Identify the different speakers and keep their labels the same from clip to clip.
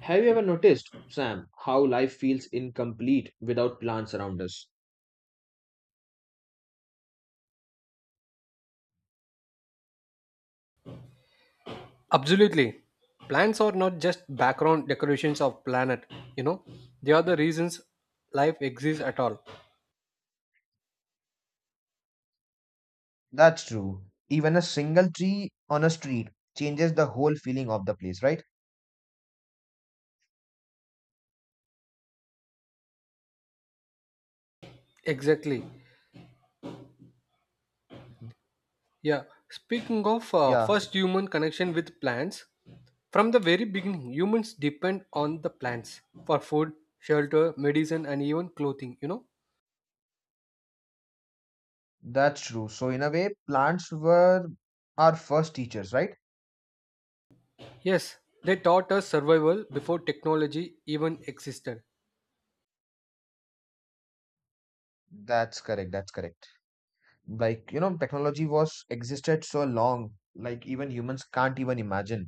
Speaker 1: Have you ever noticed, Sam, how life feels incomplete without plants around us?
Speaker 2: Absolutely. Plants are not just background decorations of planet, you know. They are the reasons life exists at all.
Speaker 1: That's true. Even a single tree on a street changes the whole feeling of the place, right?
Speaker 2: Exactly.
Speaker 1: Mhm.
Speaker 2: Yeah. Speaking of
Speaker 1: Yeah,
Speaker 2: first human connection with plants, from the very beginning, humans depend on the plants for food, shelter, medicine, and even clothing.
Speaker 1: that's true. So in a way, plants were our first teachers, right?
Speaker 2: Yes, they taught us survival before technology even existed.
Speaker 1: That's correct. That's correct. Technology was existed so long, like even humans can't even imagine.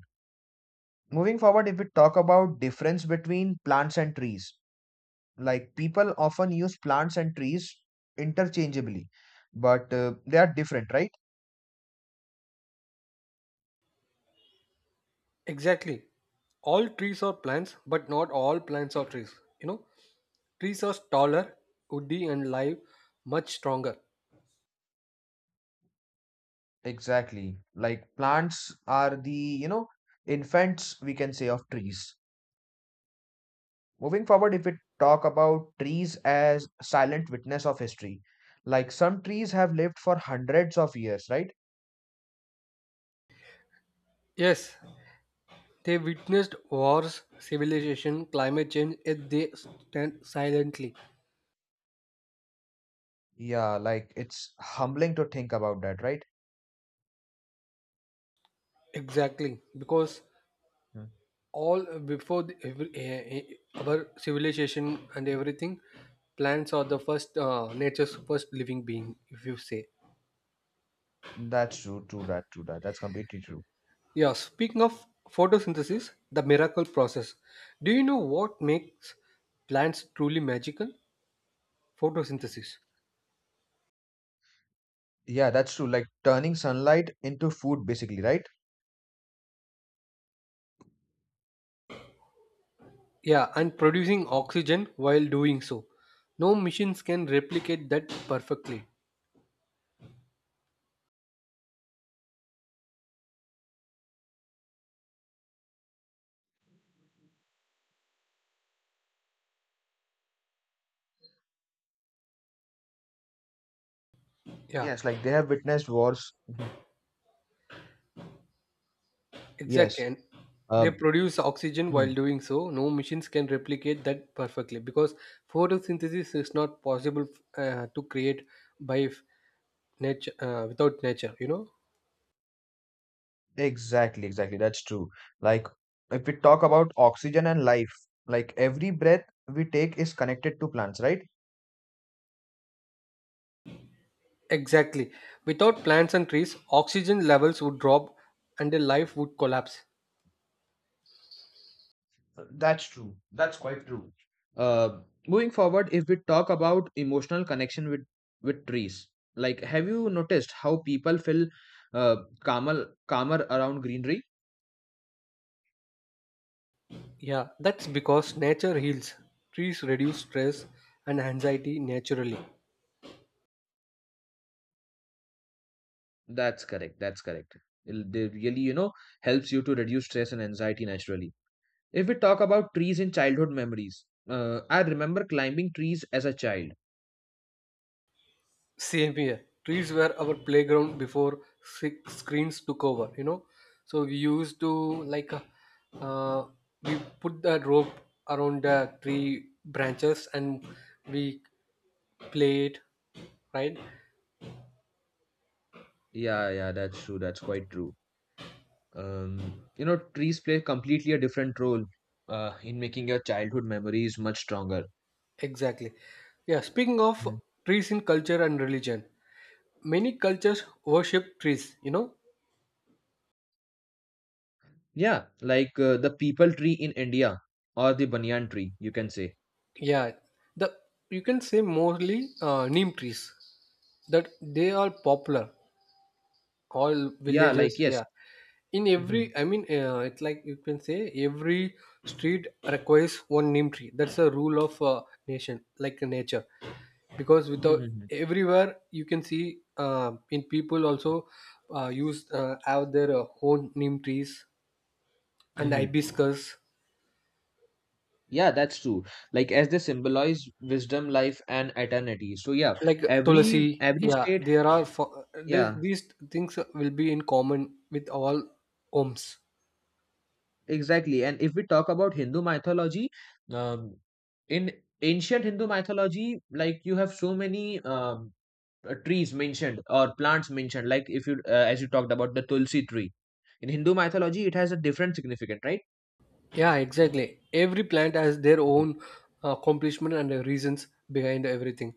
Speaker 1: Moving forward, if we talk about difference between plants and trees, like people often use plants and trees interchangeably, but they are different, right?
Speaker 2: Exactly. All trees are plants, but not all plants are trees. You know, Trees are taller, woody, and live much stronger.
Speaker 1: Exactly. Like plants are the infants, we can say, of trees. Moving forward, if we talk about trees as silent witness of history, like some trees have lived for hundreds of years, right?
Speaker 2: Yes, they witnessed wars, civilization, climate change, yet they stand silently.
Speaker 1: Yeah, like it's humbling to think about that, right?
Speaker 2: Exactly, because
Speaker 1: Hmm.
Speaker 2: all before the, every, eh, eh, our civilization and everything, plants are the first nature's first living being, if you say.
Speaker 1: That's true, true that, true that. That's completely true.
Speaker 2: Yeah, speaking of photosynthesis, the miracle process. Do you know what makes plants truly magical? Photosynthesis.
Speaker 1: Yeah, that's true. Like turning sunlight into food, basically, right?
Speaker 2: Yeah, and producing oxygen while doing so. No machines can replicate that perfectly. Yeah,
Speaker 1: Yes, like they have witnessed wars. Mhm.
Speaker 2: exactly.
Speaker 1: Yes.
Speaker 2: And they
Speaker 1: Uh,
Speaker 2: produce oxygen while
Speaker 1: mhm.
Speaker 2: doing so. No machines can replicate that perfectly because photosynthesis is not possible to create by nature without nature. You know
Speaker 1: Exactly, exactly. That's true. Like if we talk about oxygen and life, like every breath we take is connected to plants, right?
Speaker 2: exactly. Without plants and trees, oxygen levels would drop and the life would collapse.
Speaker 1: That's true. That's quite true. Uh, moving forward, if we talk about emotional connection with trees, like have you noticed how people feel uh, calmer around greenery?
Speaker 2: Yeah, that's because nature heals. Trees reduce stress and anxiety naturally.
Speaker 1: That's correct. That's correct. They really, helps you to reduce stress and anxiety naturally. If we talk about trees in childhood memories, I remember climbing trees as a child.
Speaker 2: Same here. Trees were our playground before screens took over. So we used to like uh, we put the rope around the tree branches and we played, right?
Speaker 1: Yeah, yeah, that's true. That's quite true. You know, trees play completely a different role in making your childhood memories much stronger.
Speaker 2: Exactly. Yeah, speaking of
Speaker 1: Mhm.
Speaker 2: trees in culture and religion, many cultures worship trees.
Speaker 1: Yeah, like the people tree in India or the banyan tree, you can say.
Speaker 2: Yeah, the you can say mostly neem trees that they are popular all
Speaker 1: Yeah,
Speaker 2: villages
Speaker 1: like yes.
Speaker 2: yeah in
Speaker 1: Hmm.
Speaker 2: every I mean it's like you can say every street requires one neem tree, that's a rule of nation like nature, because without
Speaker 1: Hmm.
Speaker 2: everywhere you can see in people also use have their own neem trees and
Speaker 1: Hmm.
Speaker 2: hibiscus,
Speaker 1: Yeah, that's true. Like as they symbolize wisdom, life, and eternity. So yeah,
Speaker 2: like tulsi,
Speaker 1: every
Speaker 2: yeah
Speaker 1: state.
Speaker 2: there are this,
Speaker 1: Yeah,
Speaker 2: these things will be in common with all homes.
Speaker 1: exactly. And if we talk about Hindu mythology, um, in ancient Hindu mythology, like you have so many trees mentioned or plants mentioned, like if you, as you talked about the Tulsi tree. In Hindu mythology, it has a different significance, right?
Speaker 2: Yeah, exactly. Every plant has their
Speaker 1: Mhm.
Speaker 2: own accomplishment and reasons behind everything.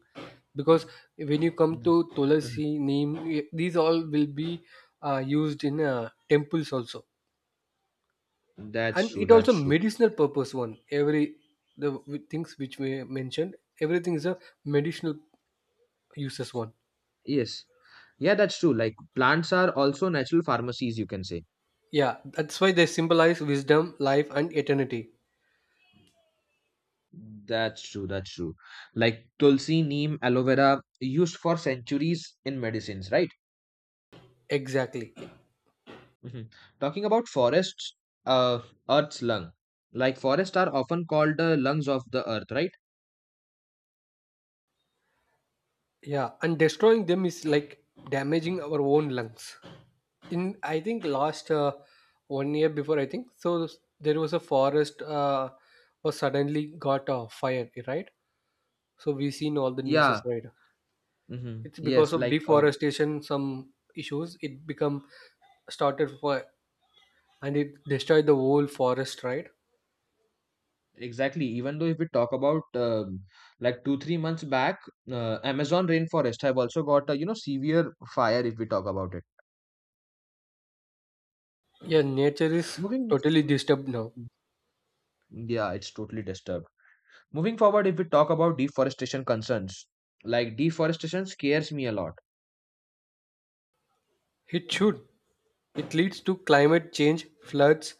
Speaker 2: Because when you come
Speaker 1: Mm,
Speaker 2: to
Speaker 1: mhm.
Speaker 2: tulasi, neem, these all will be used in temples also,
Speaker 1: That's
Speaker 2: and
Speaker 1: true.
Speaker 2: it also
Speaker 1: That's true.
Speaker 2: medicinal purpose one. Things which we mentioned, everything is a medicinal uses one.
Speaker 1: Yes. Yeah, that's true. Like plants are also natural pharmacies, you can say.
Speaker 2: Yeah, that's why they symbolize wisdom, life, and eternity.
Speaker 1: That's true. That's true. Like Tulsi, neem, aloe vera, used for centuries in medicines, right?
Speaker 2: Exactly.
Speaker 1: Mhm. Talking about forests, uh, Earth's lung. Like forests are often called the lungs of the earth, right?
Speaker 2: Yeah, and destroying them is like damaging our own lungs. In I think last 1 year before I think so, there was a forest was suddenly got a fire, right? So we seen all the news,
Speaker 1: Yeah.
Speaker 2: right.
Speaker 1: Hmm.
Speaker 2: It's because
Speaker 1: Yes.
Speaker 2: of
Speaker 1: Like
Speaker 2: deforestation some issues it become started for, and it destroyed the whole forest, right.
Speaker 1: exactly. Even though if we talk about like 2 or 3 months back, Amazon rainforest have also got a severe fire. If we talk about it,
Speaker 2: Yeah, nature is
Speaker 1: moving.
Speaker 2: totally disturbed now.
Speaker 1: Yeah, it's totally disturbed. Moving forward, if we talk about deforestation concerns, like deforestation scares me a lot.
Speaker 2: It should. It leads to climate change, floods,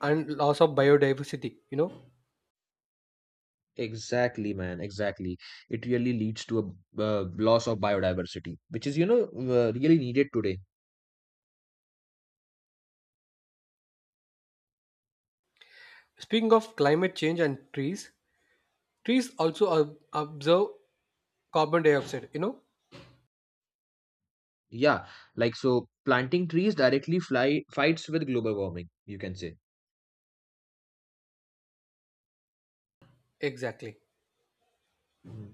Speaker 2: and loss of biodiversity.
Speaker 1: Exactly, man. Exactly. It really leads to a loss of biodiversity, which is, really needed today.
Speaker 2: Speaking of climate change and trees. Trees also observe carbon dioxide?
Speaker 1: Yeah, like so, planting trees directly fly fights with global warming, you can say.
Speaker 2: Exactly.
Speaker 1: Mm.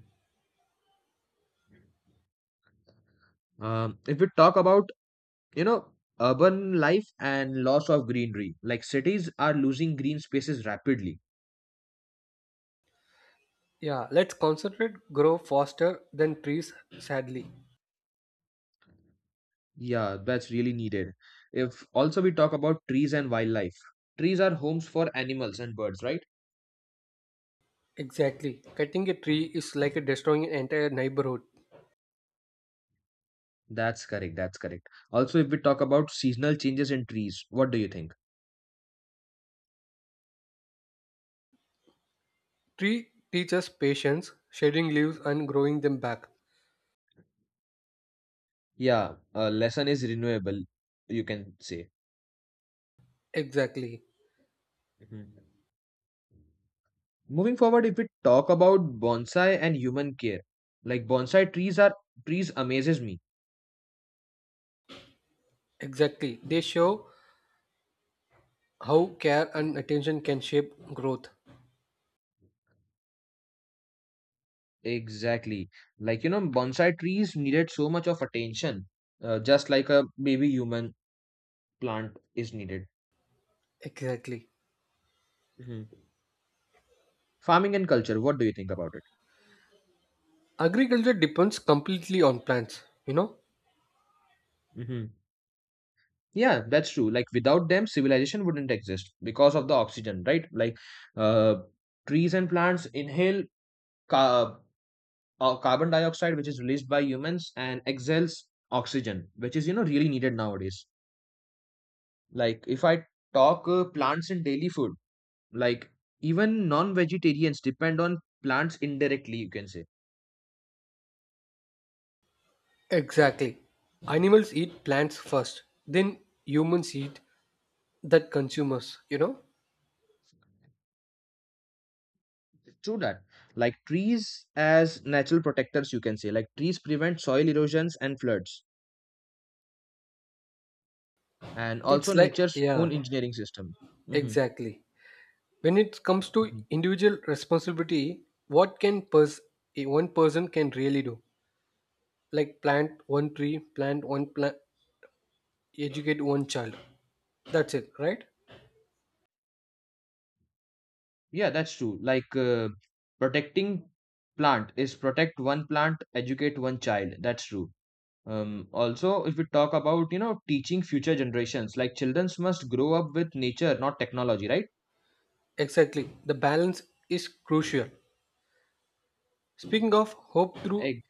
Speaker 1: If we talk about, you know, urban life and loss of greenery, like cities are losing green spaces rapidly.
Speaker 2: Yeah, let's concentrate grow faster than trees, sadly.
Speaker 1: Yeah, that's really needed. If also we talk about trees and wildlife, trees are homes for animals and birds, right?
Speaker 2: Exactly. Cutting a tree is like destroying an entire neighborhood.
Speaker 1: That's correct. That's correct. Also, if we talk about seasonal changes in trees, what do you think?
Speaker 2: Tree teaches patience, shedding leaves and growing them back.
Speaker 1: Yeah, lesson is renewable, you can say.
Speaker 2: Exactly.
Speaker 1: Mhm. Moving forward, if we talk about bonsai and human care, like bonsai trees are trees amazes me.
Speaker 2: Exactly. They show how care and attention can shape growth.
Speaker 1: Exactly. Like you know, bonsai trees needed so much of attention, just like a baby human plant is needed.
Speaker 2: Exactly.
Speaker 1: Mhm. Farming and culture, what do you think about it?
Speaker 2: Agriculture depends completely on plants?
Speaker 1: Mhm. Yeah, that's true. Like without them, civilization wouldn't exist because of the oxygen, right? Like uh, trees and plants inhale ca- carbon dioxide, which is released by humans, and exhales oxygen, which is really needed nowadays. Like if I talk plants in daily food, like even non-vegetarians depend on plants indirectly. You can say
Speaker 2: Exactly. Animals eat plants first, then humans eat that consumers?
Speaker 1: true that. Like trees as natural protectors, you can say like trees prevent soil erosions and floods, and
Speaker 2: It's
Speaker 1: also
Speaker 2: like,
Speaker 1: nature's
Speaker 2: yeah,
Speaker 1: own engineering system. Hmm.
Speaker 2: exactly. When it comes to
Speaker 1: Mhm.
Speaker 2: individual responsibility, what can one person can really do? Like plant one tree, plant one plant, educate one child. That's it, right?
Speaker 1: Yeah, that's true. Like protecting plant is protect one plant, educate one child. That's true. Also, if we talk about teaching future generations, like children must grow up with nature, not technology, right?
Speaker 2: Exactly. The balance is crucial. Speaking of hope through
Speaker 1: Like,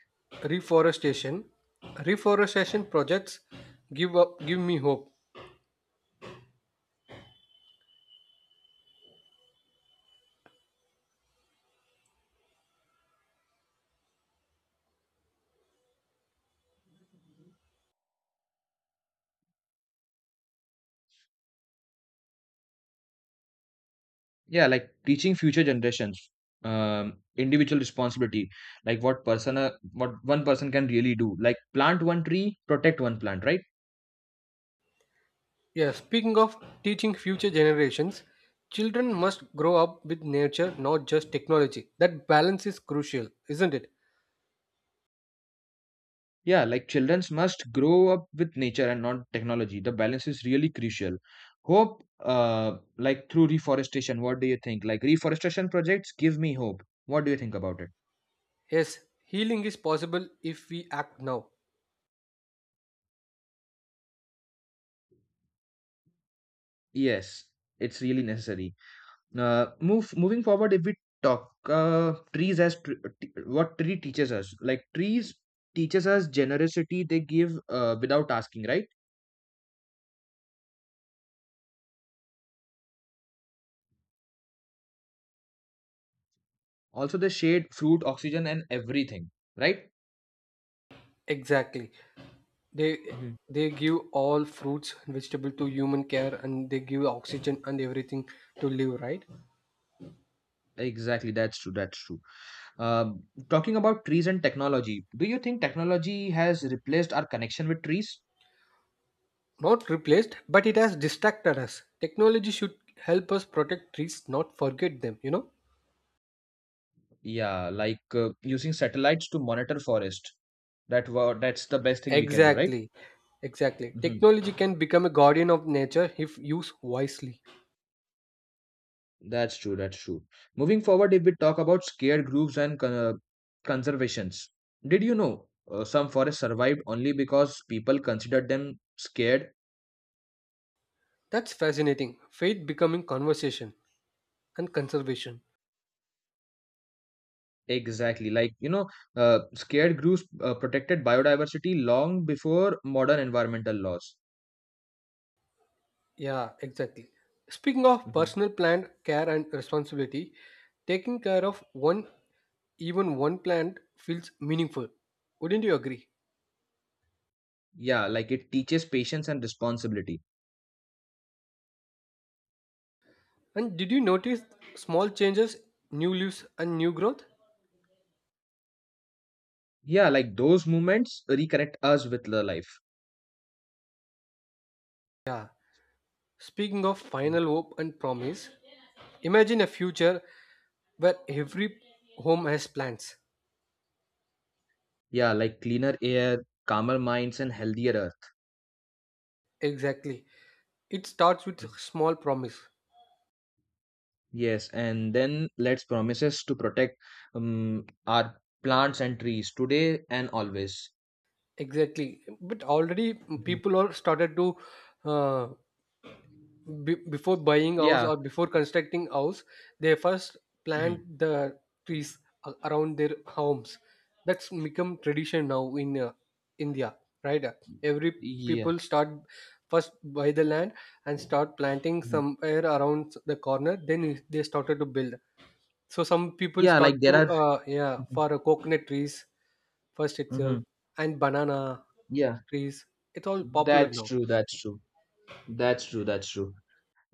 Speaker 2: reforestation, reforestation projects give me hope.
Speaker 1: yeah, like teaching future generations, individual responsibility, like what person, what one person can really do. Like plant one tree, protect one plant, right?
Speaker 2: Yeah, speaking of teaching future generations, children must grow up with nature, not just technology. That balance is crucial, isn't it?
Speaker 1: Yeah, like childrens must grow up with nature and not technology. The balance is really crucial. Hope, like through reforestation, what do you think? Like reforestation projects give me hope. What do you think about it?
Speaker 2: Yes, healing is possible if we act now.
Speaker 1: Yes, it's really necessary. Move moving forward, if we talk trees as what tree teaches us, like trees teaches us generosity. They give without asking, right? Also, the shade, fruit, oxygen, and everything, right?
Speaker 2: Exactly. They
Speaker 1: Mhm.
Speaker 2: they give all fruits and vegetable to human care, and they give oxygen and everything to live, right?
Speaker 1: Exactly, that's true. That's true. Um, talking about trees and technology, do you think technology has replaced our connection with trees?
Speaker 2: Not replaced, but it has distracted us. Technology should help us protect trees, not forget them?
Speaker 1: Yeah, like using satellites to monitor forest. That's the best thing we can do, right?
Speaker 2: Exactly, exactly.
Speaker 1: Hmm.
Speaker 2: Technology can become a guardian of nature if used wisely.
Speaker 1: That's true. That's true. Moving forward, if we talk about scared groups and conservations, did you know some forests survived only because people considered them scared.
Speaker 2: That's fascinating. Faith becoming conversation and conservation.
Speaker 1: Exactly. Like, you know, scared groups protected biodiversity long before modern environmental laws.
Speaker 2: Yeah, exactly. Speaking of
Speaker 1: Mhm.
Speaker 2: personal plant care and responsibility, taking care of one, even one plant, feels meaningful. Wouldn't you agree?
Speaker 1: Yeah, like it teaches patience and responsibility.
Speaker 2: And did you notice small changes, new leaves, and new growth?
Speaker 1: Yeah, like those movements reconnect us with the life.
Speaker 2: Yeah. Speaking of
Speaker 1: Mhm.
Speaker 2: final hope and promise, imagine a future where every home has plans.
Speaker 1: Yeah, like cleaner air, calmer minds, and healthier earth.
Speaker 2: Exactly. It starts with
Speaker 1: Mhm.
Speaker 2: small promise.
Speaker 1: Yes, and then let's promises to protect our plants and trees today and always.
Speaker 2: Exactly. But already
Speaker 1: Mhm.
Speaker 2: people are started to uh, before buying house
Speaker 1: Yeah.
Speaker 2: or before constructing house, they first
Speaker 1: Mhm.
Speaker 2: plant the trees around their homes. That's become tradition now in India, right? Every
Speaker 1: Yeah.
Speaker 2: people start first buy the land and start planting
Speaker 1: Mhm.
Speaker 2: somewhere around the corner. Then they started to build. So some people
Speaker 1: Yeah,
Speaker 2: start
Speaker 1: like there
Speaker 2: to
Speaker 1: are.
Speaker 2: yeah
Speaker 1: Mhm.
Speaker 2: for coconut trees first itself,
Speaker 1: Mhm.
Speaker 2: and banana
Speaker 1: Yeah.
Speaker 2: trees. It's all popular
Speaker 1: That's
Speaker 2: now.
Speaker 1: true. That's true. That's true. That's true.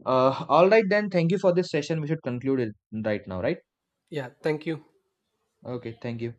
Speaker 1: All right then. Thank you for this session. We should conclude it right now, right?
Speaker 2: Yeah, thank you.
Speaker 1: Okay. Thank you.